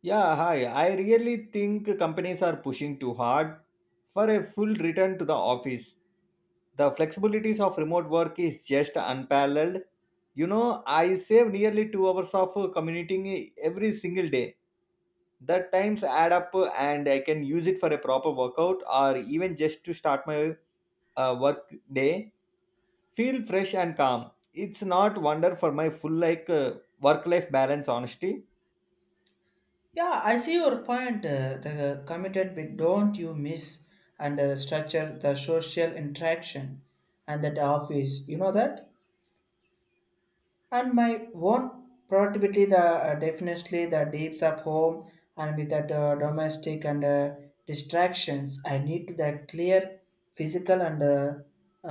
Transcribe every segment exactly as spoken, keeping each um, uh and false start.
Yeah, hi. I really think companies are pushing too hard for a full return to the office. The flexibilities of remote work is just unparalleled. You know, I save nearly two hours of uh, commuting every single day. The times add up, uh, and I can use it for a proper workout or even just to start my uh, work day. Feel fresh and calm. It's not wonder for my full like uh, work life balance honesty. Yeah, I see your point. Uh, the committed bit, don't you miss and uh, structure, the social interaction and that office? You know that? And my own productivity, the uh, definitely the deeps of home and with that uh, domestic and uh, distractions, I need to that clear physical and uh,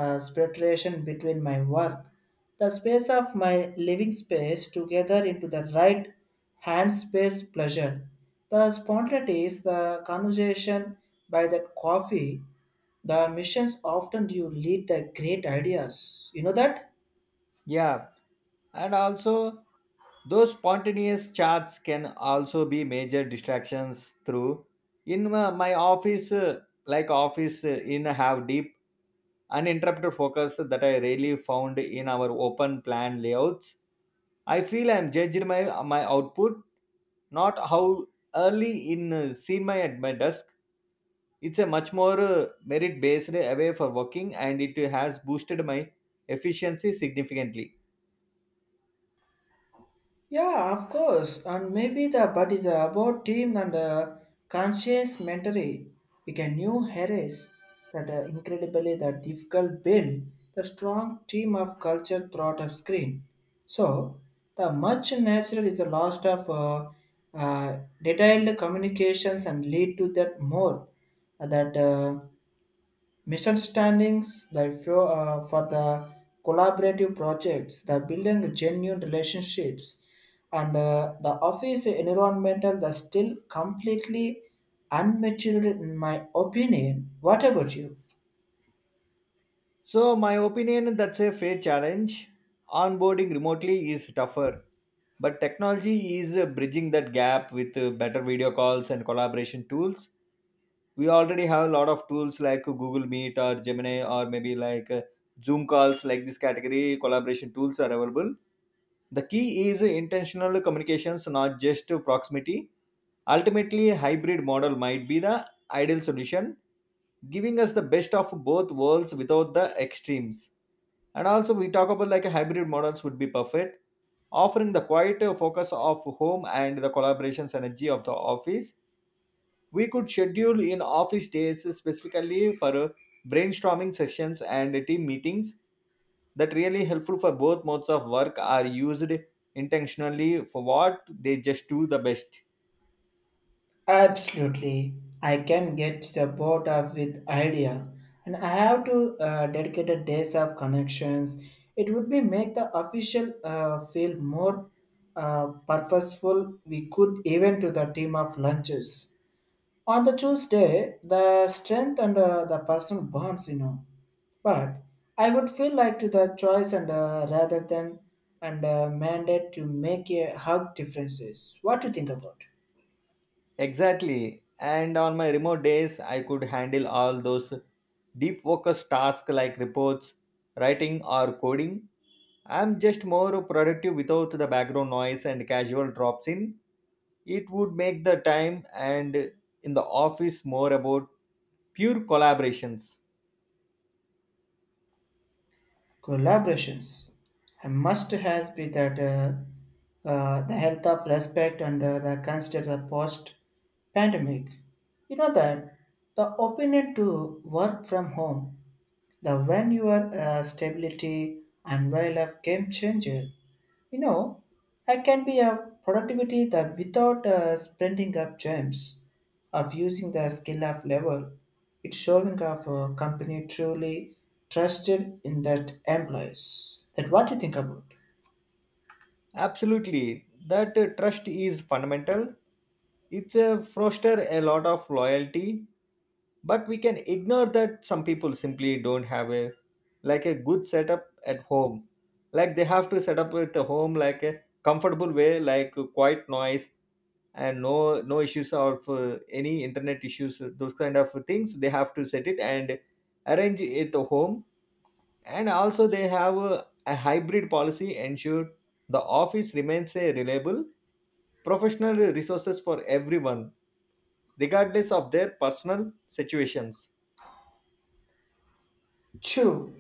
uh, separation between my work, the space of my living space together into the right hand space pleasure, the spontaneity is the conversation by that coffee, the missions often you lead the great ideas, you know that. Yeah, and also those spontaneous chats can also be major distractions through in my, my office, uh, like office, uh, in have deep uninterrupted focus that I really found in our open plan layouts. I feel I'm judged my my output, not how early in, uh, seen my at my desk. It's a much more uh, merit based way for working, and it has boosted my efficiency significantly. Yeah, of course. And maybe the but is about team and uh, conscious mentoring. We can new harris that uh, incredibly the difficult build the strong team of culture throughout of screen. So the much natural is a loss of uh, uh, detailed communications and lead to that more uh, that. Uh, misunderstandings the few, uh, for the collaborative projects, the building genuine relationships and uh, the office environmental the still completely unmatured, in my opinion. What about you? So, my opinion, that's a fair challenge. Onboarding remotely is tougher, but technology is uh, bridging that gap with uh, better video calls and collaboration tools. We already have a lot of tools like Google Meet or Gemini or maybe like uh, Zoom calls. Like this category collaboration tools are available. The key is intentional communications, not just proximity. Ultimately, a hybrid model might be the ideal solution, giving us the best of both worlds without the extremes. And also, we talk about like a hybrid models would be perfect, offering the quiet focus of home and the collaborations energy of the office. We could schedule in office days specifically for brainstorming sessions and team meetings that really helpful for both modes of work are used intentionally for what they just do the best. Absolutely, I can get the bored of with idea, and I have to uh, dedicate a days of connections. It would be make the official uh, feel more uh, purposeful. We could even to the team of lunches on the Tuesday. The strength and uh, the person bonds, you know. But I would feel like to the choice and uh, rather than and uh, mandate to make a hug differences. What do you think about? Exactly. And on my remote days, I could handle all those deep focus tasks like reports, writing, or coding. I'm just more productive without the background noise and casual drops in. It would make the time and in the office more about pure collaborations. Collaborations. A must has be that uh, uh, the health of respect and uh, the consider the post pandemic. You know that the opinion to work from home, the when your uh, stability and while of game changer, you know, I can be a productivity that without uh, spending up gems of using the skill of level, it's showing of a company truly trusted in that employees. That what you think about? Absolutely, that uh, trust is fundamental. It's a foster a lot of loyalty, but we can ignore that some people simply don't have a like a good setup at home. Like they have to set up with a home like a comfortable way, like uh, quiet noise and no no issues or for any internet issues. Those kind of things they have to set it and arrange it at home, and also they have a, a hybrid policy ensure the office remains a reliable professional resources for everyone, regardless of their personal situations. True,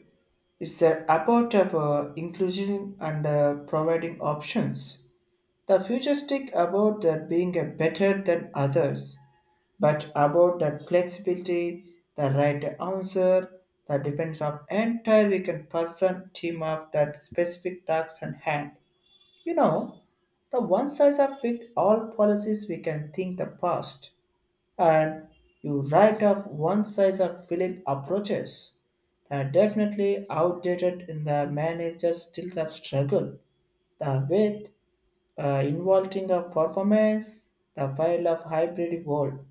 it's uh, about of uh, inclusion and uh, providing options. The futuristic about that being a better than others, but about that flexibility, the right answer, the depends of entire weekend person team of that specific task and hand. You know, the one size of fit all policies we can think the past, and you write off one size of fill approaches that are definitely outdated in the manager still the struggle the with uh, involving a performance, the file of hybrid world.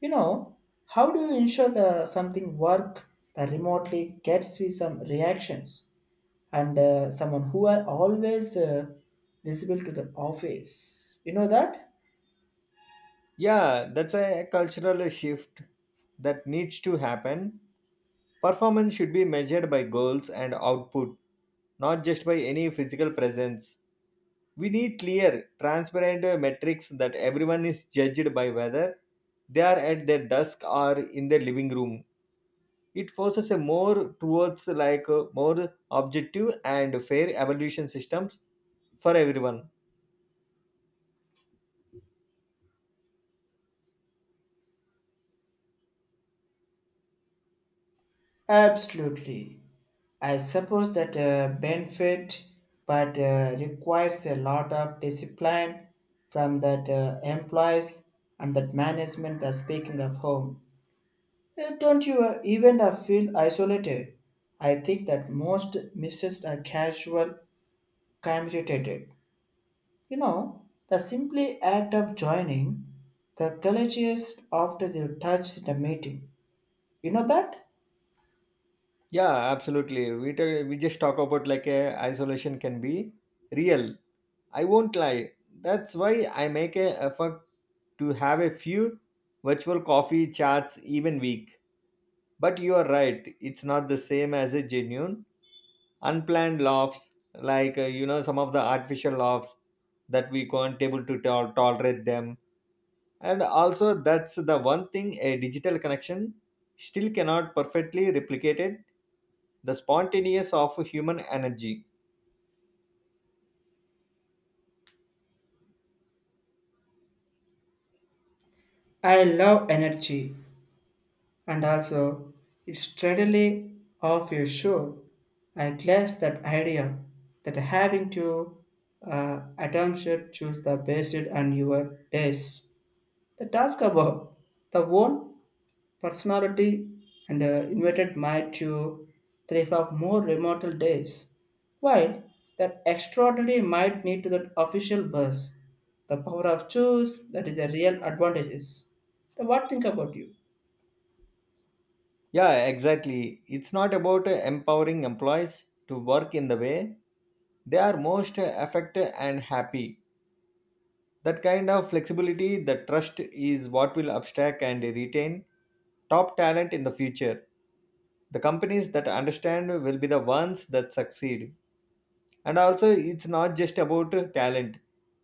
You know, how do you ensure the something work that remotely gets with some reactions and uh, someone who are always uh, visible to the office? You know that? Yeah, that's a cultural shift that needs to happen. Performance should be measured by goals and output, not just by any physical presence. We need clear transparent uh, metrics that everyone is judged by, whether they are at their desk or in their living room. It forces a more towards like a more objective and fair evaluation systems for everyone. Absolutely. I suppose that uh, benefit, but uh, requires a lot of discipline from that uh, employees and that management. That speaking of home, Eh, don't you uh, even uh, feel isolated? I think that most misses are casual communicated. You know, the simply act of joining the colleges after they touch the meeting. You know that? Yeah, absolutely, we, ta- we just talk about like a isolation can be real. I won't lie, that's why I make a effort to have a few virtual coffee chats even week. But you are right, it's not the same as a genuine unplanned laughs, like uh, you know, some of the artificial laughs that we can't able to tol- tolerate them. And also that's the one thing a digital connection still cannot perfectly replicate it, the spontaneous of human energy. I love energy, and also it's steadily off your show. I guess that idea that having to uh, attempt to choose the best on your days. The task above the one personality and uh, invited Mai to three of more remote days. While that extraordinary might need to that official bus, the power of choose that is a real advantages. So what think about you? Yeah, exactly, it's not about empowering employees to work in the way they are most affected and happy. That kind of flexibility, the trust is what will abstract and retain top talent in the future. The companies that understand will be the ones that succeed. And also it's not just about uh, talent,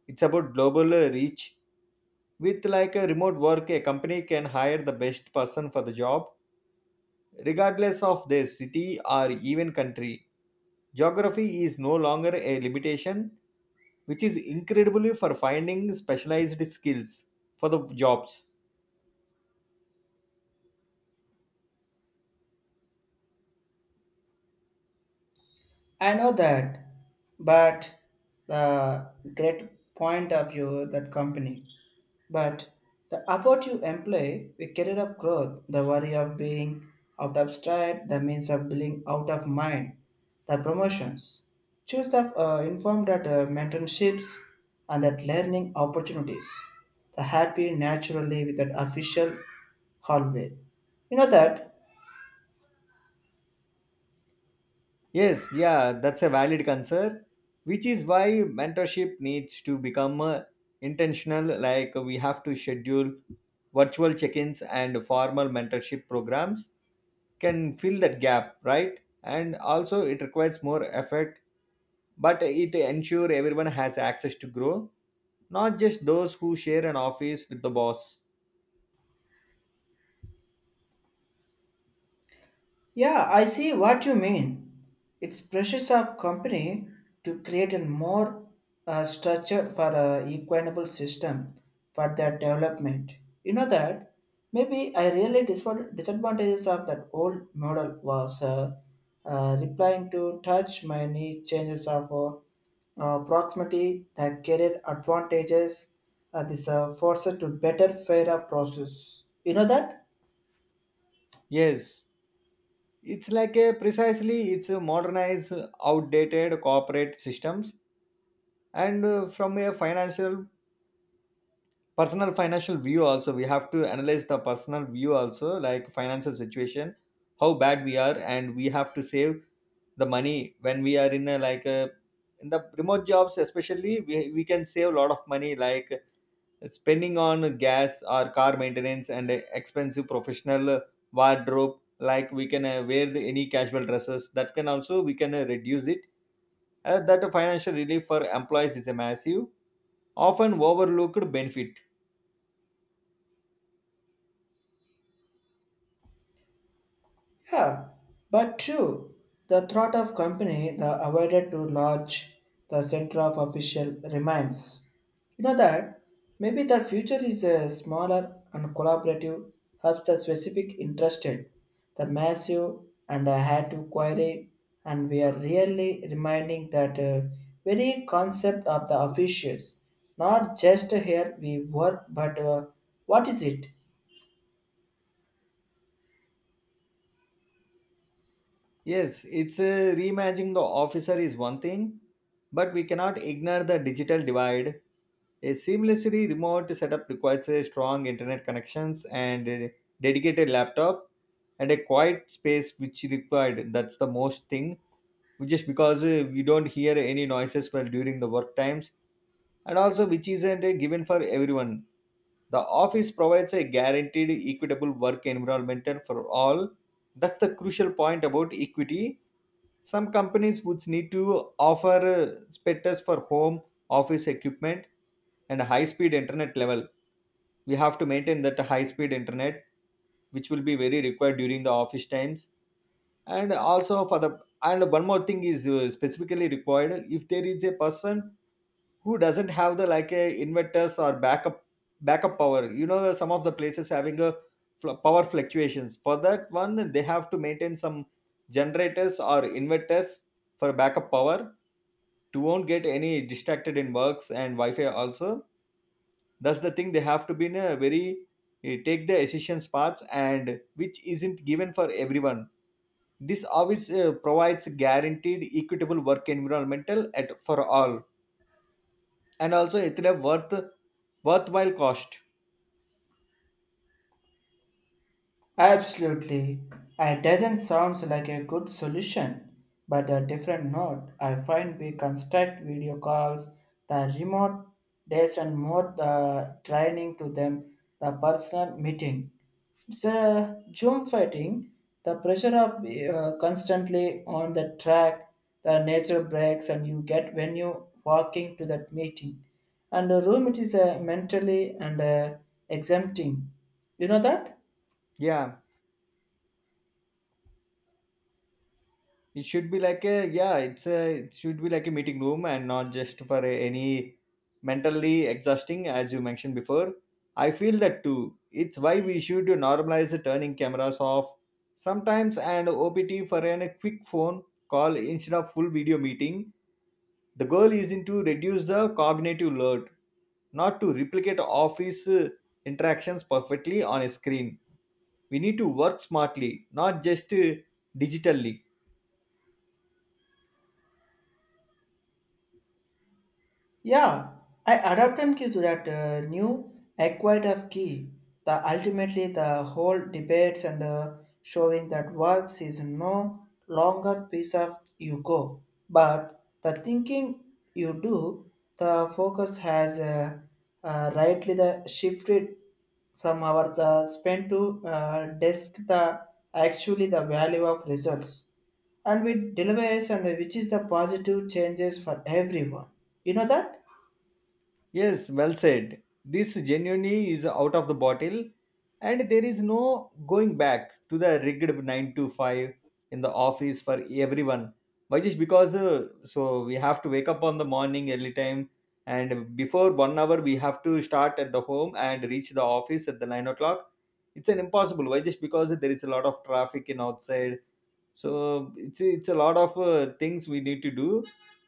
it's about global uh, reach. With like a remote work, a company can hire the best person for the job regardless of their city or even country. Geography is no longer a limitation, which is incredibly for finding specialized skills for the jobs. I know that, but the great point of view that company. But the effort you employ, the career of growth, the worry of being out of stride, the means of being out of mind, the promotions, choose the uh, informed that uh, mentorships and that learning opportunities, the happy naturally with that official hallway. You know that. Yes, yeah, that's a valid concern, which is why mentorship needs to become uh, intentional. Like we have to schedule virtual check ins and formal mentorship programs can fill that gap, right? And also, it requires more effort, but it ensure everyone has access to grow, not just those who share an office with the boss. Yeah, I see what you mean. It's precious of company to create a more uh, structure for a equitable system for that development. You know that maybe I really disva- disadvantages of that old model was uh, uh, replying to touch many changes of uh, uh, proximity, the career advantages, uh, this uh, forces to better fairer process. You know that. Yes, it's like a precisely it's a modernized, outdated corporate systems, and uh, from a financial personal financial view also we have to analyze the personal view also, like financial situation how bad we are, and we have to save the money when we are in a like a in the remote jobs. Especially we, we can save a lot of money, like spending on gas or car maintenance and expensive professional wardrobe. Like we can uh, wear the, any casual dresses, that can also we can uh, reduce it. Uh, that financial relief for employees is a massive, often overlooked benefit. Yeah, but true. The thought of company the avoided to lodge the center of official remains. You know that maybe the future is a smaller and collaborative helps the specific interested, the massive, and I had to query, and we are really reminding that uh, very concept of the officials, not just here we work, but uh, what is it? Yes, it's uh, reimagining the officer is one thing, but we cannot ignore the digital divide. A seamlessly remote setup requires a strong internet connections and a dedicated laptop and a quiet space, which required. That's the most thing. Just because uh, we don't hear any noises while during the work times, and also which isn't a given for everyone. The office provides a guaranteed equitable work environment for all. That's the crucial point about equity. Some companies would need to offer uh, spares for home office equipment and high speed internet level. We have to maintain that high speed internet, which will be very required during the office times. And also for the, and one more thing is uh, specifically required if there is a person who doesn't have the like a inverters or backup backup power. You know, some of the places having a fl- power fluctuations. For that one, they have to maintain some generators or inverters for backup power, to won't get any distracted in works, and wi-fi also, that's the thing, they have to be in a very eh, take the essential parts, and which isn't given for everyone. This always uh, provides guaranteed equitable work environmental at for all, and also it's a worth worthwhile cost. Absolutely. It doesn't sound like a good solution, but a different note. I find we construct video calls, the remote days and more the training to them, the personal meeting. It's a Zoom fighting, the pressure of uh, constantly on the track, the nature breaks and you get when you walking to that meeting. And the room it is uh, mentally and uh, exempting. You know that? Yeah, it should be like a yeah, it's a it should be like a meeting room and not just for a, any mentally exhausting as you mentioned before. I feel that too. It's why we should normalize the turning cameras off sometimes and opt for an, a quick phone call instead of full video meeting. The goal isn't to reduce the cognitive load, not to replicate office uh, interactions perfectly on a screen. We need to work smartly, not just uh, digitally. Yeah, I adapted to that uh, new acquired of key. The ultimately the whole debates and uh, showing that works is no longer piece of you go, but the thinking you do. The focus has uh, uh, rightly the shifted from our uh, spend to uh, desk the actually the value of results and with delivers, and which is the positive changes for everyone. You know that. Yes, well said. This genuinely is out of the bottle, and there is no going back to the rigged nine to five in the office for everyone. Why? Just because uh, so we have to wake up on the morning early time, and before one hour we have to start at the home and reach the office at the nine o'clock. It's an impossible. Why? Just because there is a lot of traffic in outside, so it's it's a lot of uh, things we need to do.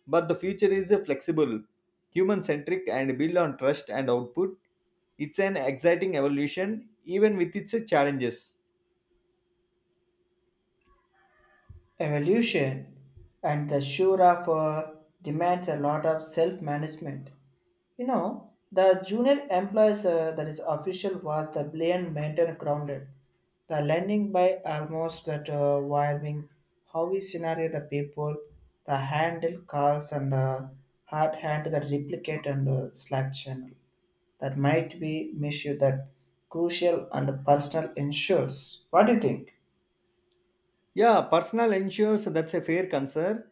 But the future is uh, flexible, human centric and built on trust and output. It's an exciting evolution, even with its uh, challenges. Evolution and the shura for demands a lot of self-management. You know, the junior employees, uh, that is official was the blame maintained grounded, the landing by almost that uh, wiring, how we scenario the people, the handle calls and uh, hard hand that replicate and uh, slack channel that might be misuse that crucial and personal ensures. What do you think? Yeah, personal ensures, that's a fair concern.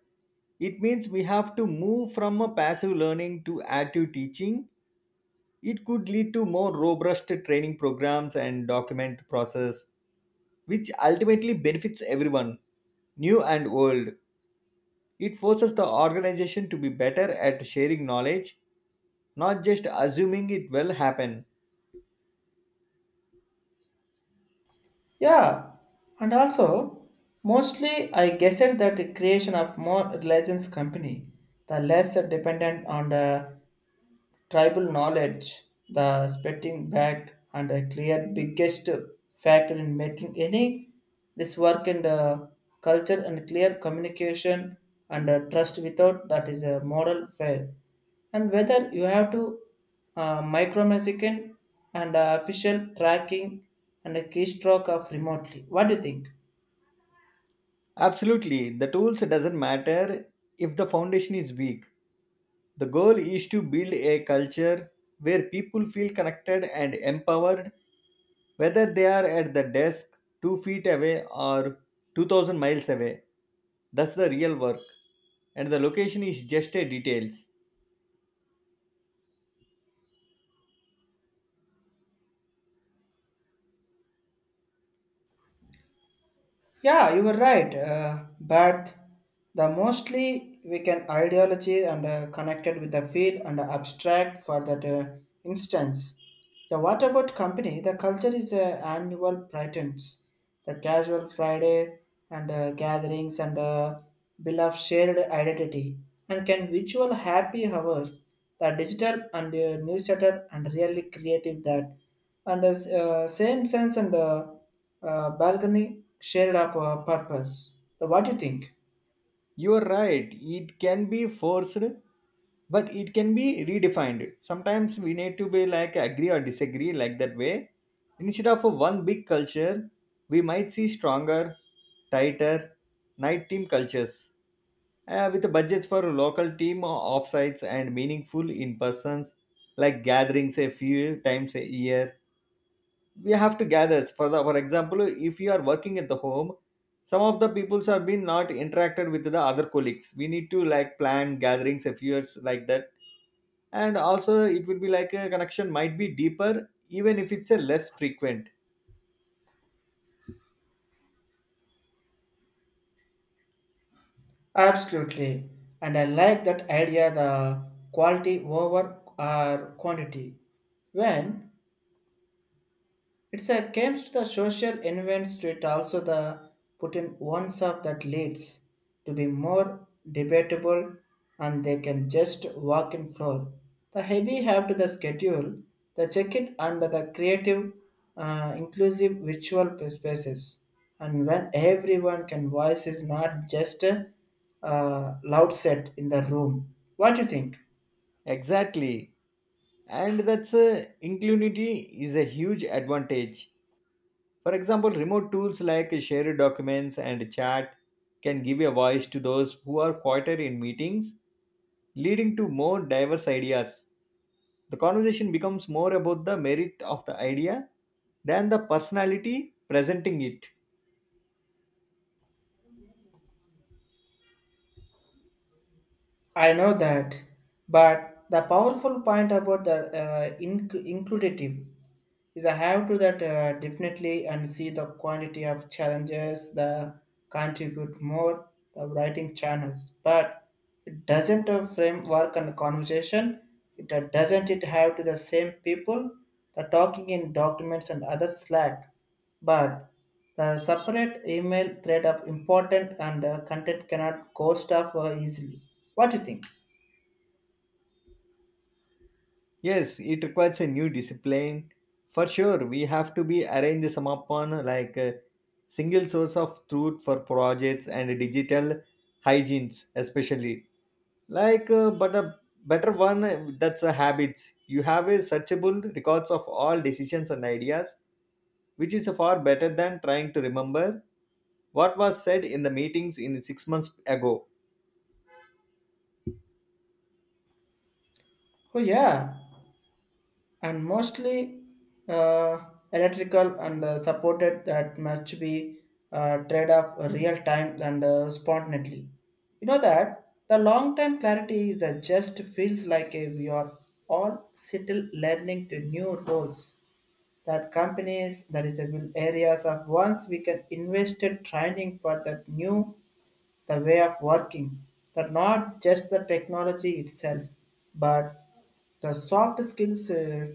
It means we have to move from a passive learning to active teaching. It could lead to more robust training programs and document process, which ultimately benefits everyone, new and old. It forces the organization to be better at sharing knowledge, not just assuming it will happen. Yeah, and also mostly I guessed that the creation of more religions company, the less dependent on the tribal knowledge, the spitting back, and a clear biggest factor in making any this work and uh, culture and clear communication and uh, trust, without that is a moral fail. And whether you have to uh, micromanaging and uh, official tracking and a keystroke of remotely. What do you think? Absolutely, the tools doesn't matter if the foundation is weak. The goal is to build a culture where people feel connected and empowered, whether they are at the desk two feet away or two thousand miles away. That's the real work, and the location is just a details. Yeah, you were right. Uh, but the mostly we can ideology and uh, connected with the field and abstract for that uh, instance. The what about company? The culture is uh, annual patterns, the casual Friday and uh, gatherings and uh, bill of shared identity and can ritual happy hours. The digital and the newsletter and really creative that and the uh, same sense and. Uh, uh, balcony shared up uh, purpose. So what do you think? You are right, it can be forced, but it can be redefined. Sometimes we need to be like agree or disagree, like that way. Instead of a one big culture, we might see stronger, tighter, night team cultures, uh, with the budgets for local team offsites and meaningful in persons like gatherings a few times a year. We have to gather for the, for example, if you are working at the home, some of the peoples have been not interacted with the other colleagues, we need to like plan gatherings a few years like that. And also it will be like a connection might be deeper even if it's a less frequent. Absolutely, and I like that idea. The quality over our quantity. When it's a comes to the social events to it also the put in ones of that leads to be more debatable, and they can just walk in floor. The heavy have to the schedule, the check it under the creative, uh, inclusive virtual spaces. And when everyone can voice is not just a uh, loud set in the room. What do you think? Exactly, and that's a inclusivity is a huge advantage. For example, remote tools like shared documents and chat can give a voice to those who are quieter in meetings, leading to more diverse ideas. The conversation becomes more about the merit of the idea than the personality presenting it. I know that, but the powerful point about the uh, inc- includative is I have to that uh, definitely and see the quantity of challenges the contribute more the writing channels, but it doesn't a framework and conversation. It uh, doesn't it have to the same people the talking in documents and other slack, but the separate email thread of important and uh, content cannot go stuff uh, easily. What do you think? Yes, it requires a new discipline. For sure, we have to be arrange some upon like a single source of truth for projects and digital hygienes especially. Like, uh, but a better one uh, that's a habits. You have a searchable records of all decisions and ideas, which is far better than trying to remember what was said in the meetings in six months ago. Oh yeah, and mostly uh, electrical and uh, supported that must be uh, trade off real time and uh, spontaneously. You know that the long time clarity is uh, just feels like uh, we are all still learning to new roles that companies that is a will areas of once we can invested training for that new the way of working, that not just the technology itself, but the soft skills uh,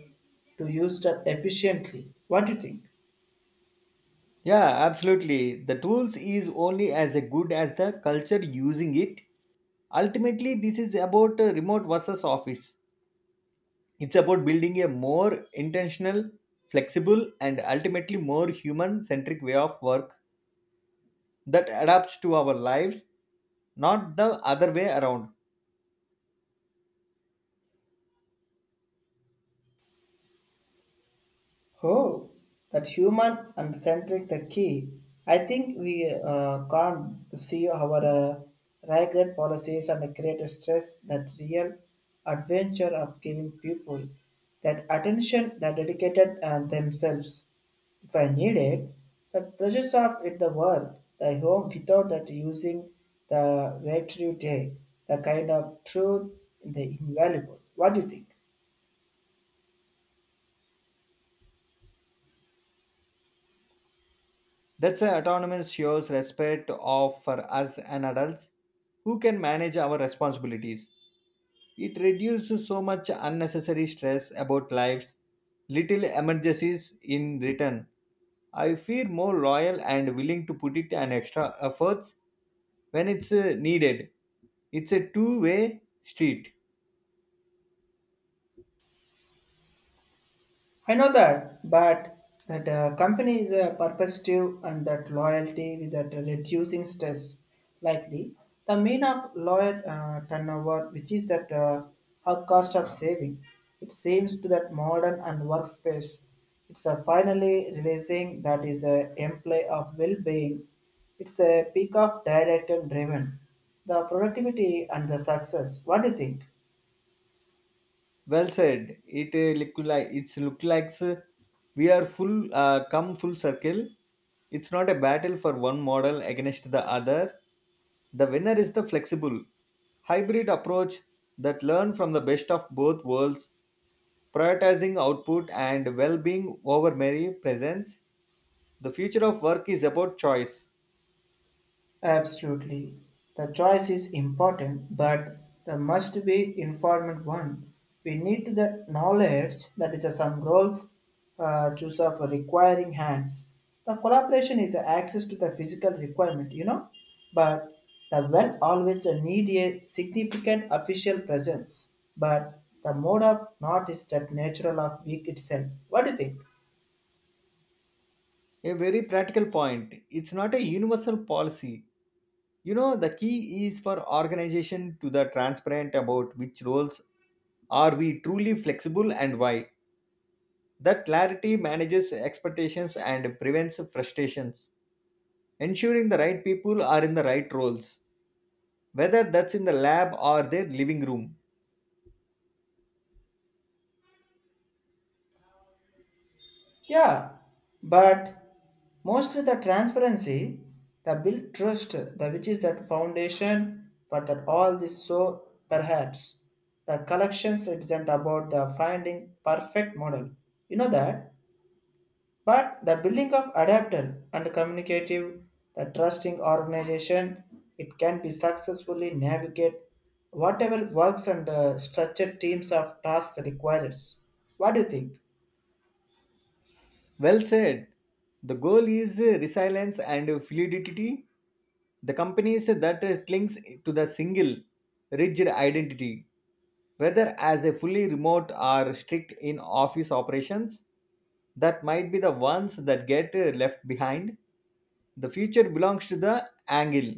to use that efficiently. What do you think? Yeah, absolutely. The tools is only as a good as the culture using it. Ultimately, this is about uh, remote versus office. It's about building a more intentional, flexible, and ultimately more human centric way of work that adapts to our lives, not the other way around. Oh, that human and centric the key. I think we uh, can't see our uh, regret policies and create great stress, that real adventure of giving people that attention that dedicated uh, themselves. If I need it, that pressures of it the work, the home without that using the virtue day, the kind of truth in the invaluable. What do you think? That's why autonomy shows respect of for us and adults who can manage our responsibilities. It reduces so much unnecessary stress about lives, little emergencies in return. I feel more loyal and willing to put it an extra efforts when it's uh, needed. It's a two-way street. I know that, but that uh, company is a perspective and that loyalty with that reducing stress likely. The mean of loyal uh, turnover, which is that uh, her cost of saving, it seems to that modern and workspace. It's a finally realizing that is a employee of well-being. It's a peak of direct and driven. The productivity and the success. What do you think? Well said. It uh, look like it's look like uh, we are full uh, come full circle. It's not a battle for one model against the other. The winner is the flexible hybrid approach that learn from the best of both worlds, prioritizing output and well being over mere presence. The future of work is about choice. Absolutely. The choice is important, but the must be informed one. We need the knowledge that is uh, some roles uh, choose of requiring hands. The collaboration is access to the physical requirement, you know, but the well always need a significant official presence. But the mode of not is that natural of weak itself. What do you think? A very practical point. It's not a universal policy. You know, the key is for organization to the transparent about which roles are we truly flexible and why. That clarity manages expectations and prevents frustrations, ensuring the right people are in the right roles, whether that's in the lab or their living room. Yeah, but mostly the transparency, the built trust, the which is that foundation for that all this, so perhaps the collections isn't about the finding perfect model. You know that? But the building of adapter and communicative, the trusting organization, it can be successfully navigate whatever works and uh, structured teams of tasks requires. What do you think? Well said. The goal is resilience and fluidity. The companies that clings to the single, rigid identity, whether as a fully remote or strict in office operations, that might be the ones that get left behind. The future belongs to the angle.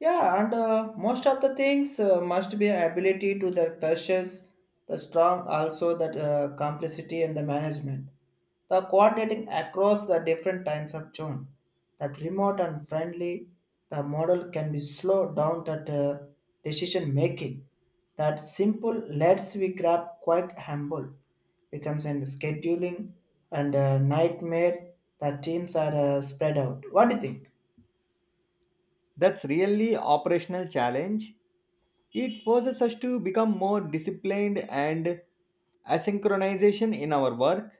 Yeah, and uh, most of the things uh, must be ability to the crushes, the strong, also that uh, complicity and the management, the coordinating across the different times of zone, that remote and friendly, the model can be slow down that uh, decision making, that simple lets we grab quite humble becomes a scheduling and a nightmare. The teams are uh, spread out. What do you think? That's really operational challenge. It forces us to become more disciplined and asynchronization in our work.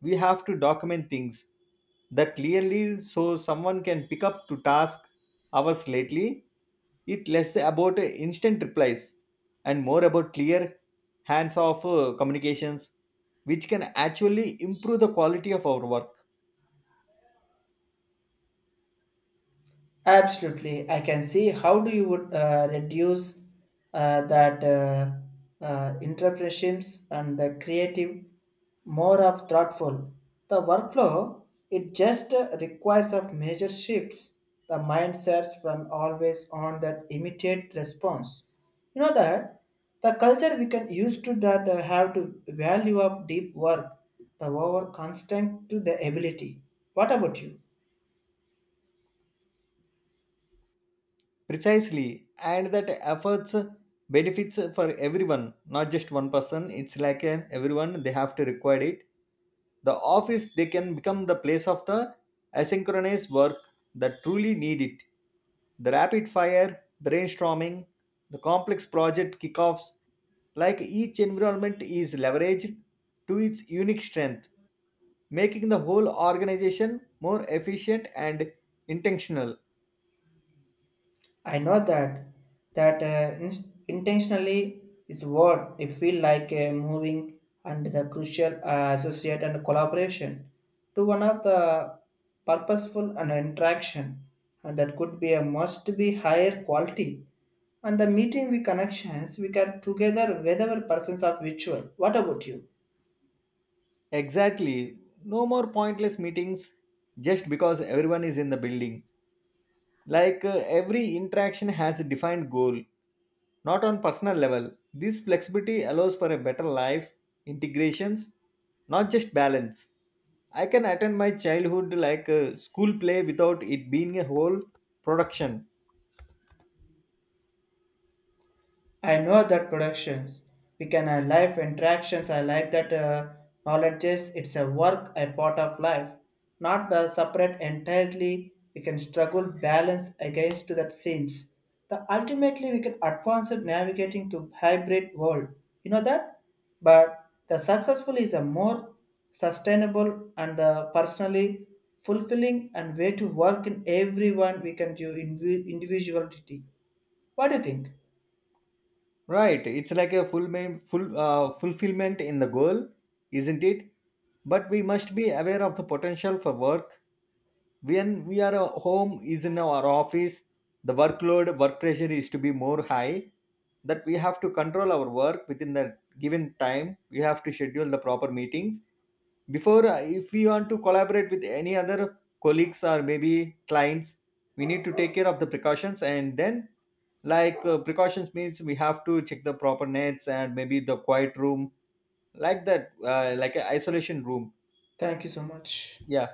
We have to document things that clearly so someone can pick up to task hours lately. It less about instant replies and more about clear hands-off uh, communications, which can actually improve the quality of our work. Absolutely, I can see how do you would uh, reduce uh, that uh, uh, interpretations and the creative more of thoughtful. The workflow it just uh, requires of major shifts. The mindsets from always on that immediate response. You know that the culture we can used to that uh, have to value of deep work, the over constant to the ability. What about you? Precisely, and that efforts benefits for everyone, not just one person. It's like an everyone they have to require it. The office they can become the place of the asynchronous work that truly need it, the rapid fire brainstorming, the complex project kickoffs. Like, each environment is leveraged to its unique strength, making the whole organization more efficient and intentional. I know that that uh, in- intentionally is what it feel like uh, moving and the crucial uh, associate and collaboration to one of the purposeful and interaction, and that could be a must be higher quality and the meeting we connections we get together whether persons of virtual. What about you? Exactly. No more pointless meetings just because everyone is in the building. Like uh, every interaction has a defined goal, not on personal level. This flexibility allows for a better life, integrations, not just balance. I can attend my childhood like a school play without it being a whole production. I know that productions we can uh, life interactions. I like that uh, knowledge is it's a work a part of life, not the separate entirely. We can struggle balance against to that seems. The ultimately we can advance in navigating to hybrid world. You know that, but the successful is a more sustainable and uh, personally fulfilling and way to work in everyone we can do indivi- individuality. What do you think? Right, it's like a full, ma- full uh, fulfillment in the goal, isn't it? But we must be aware of the potential for work when we are at home is in our office. The workload work pressure is to be more high that we have to control our work within the given time. We have to schedule the proper meetings before uh, if we want to collaborate with any other colleagues or maybe clients. We need to take care of the precautions, and then like uh, precautions means we have to check the proper nets and maybe the quiet room, like that uh, like an isolation room. Thank you so much. Yeah.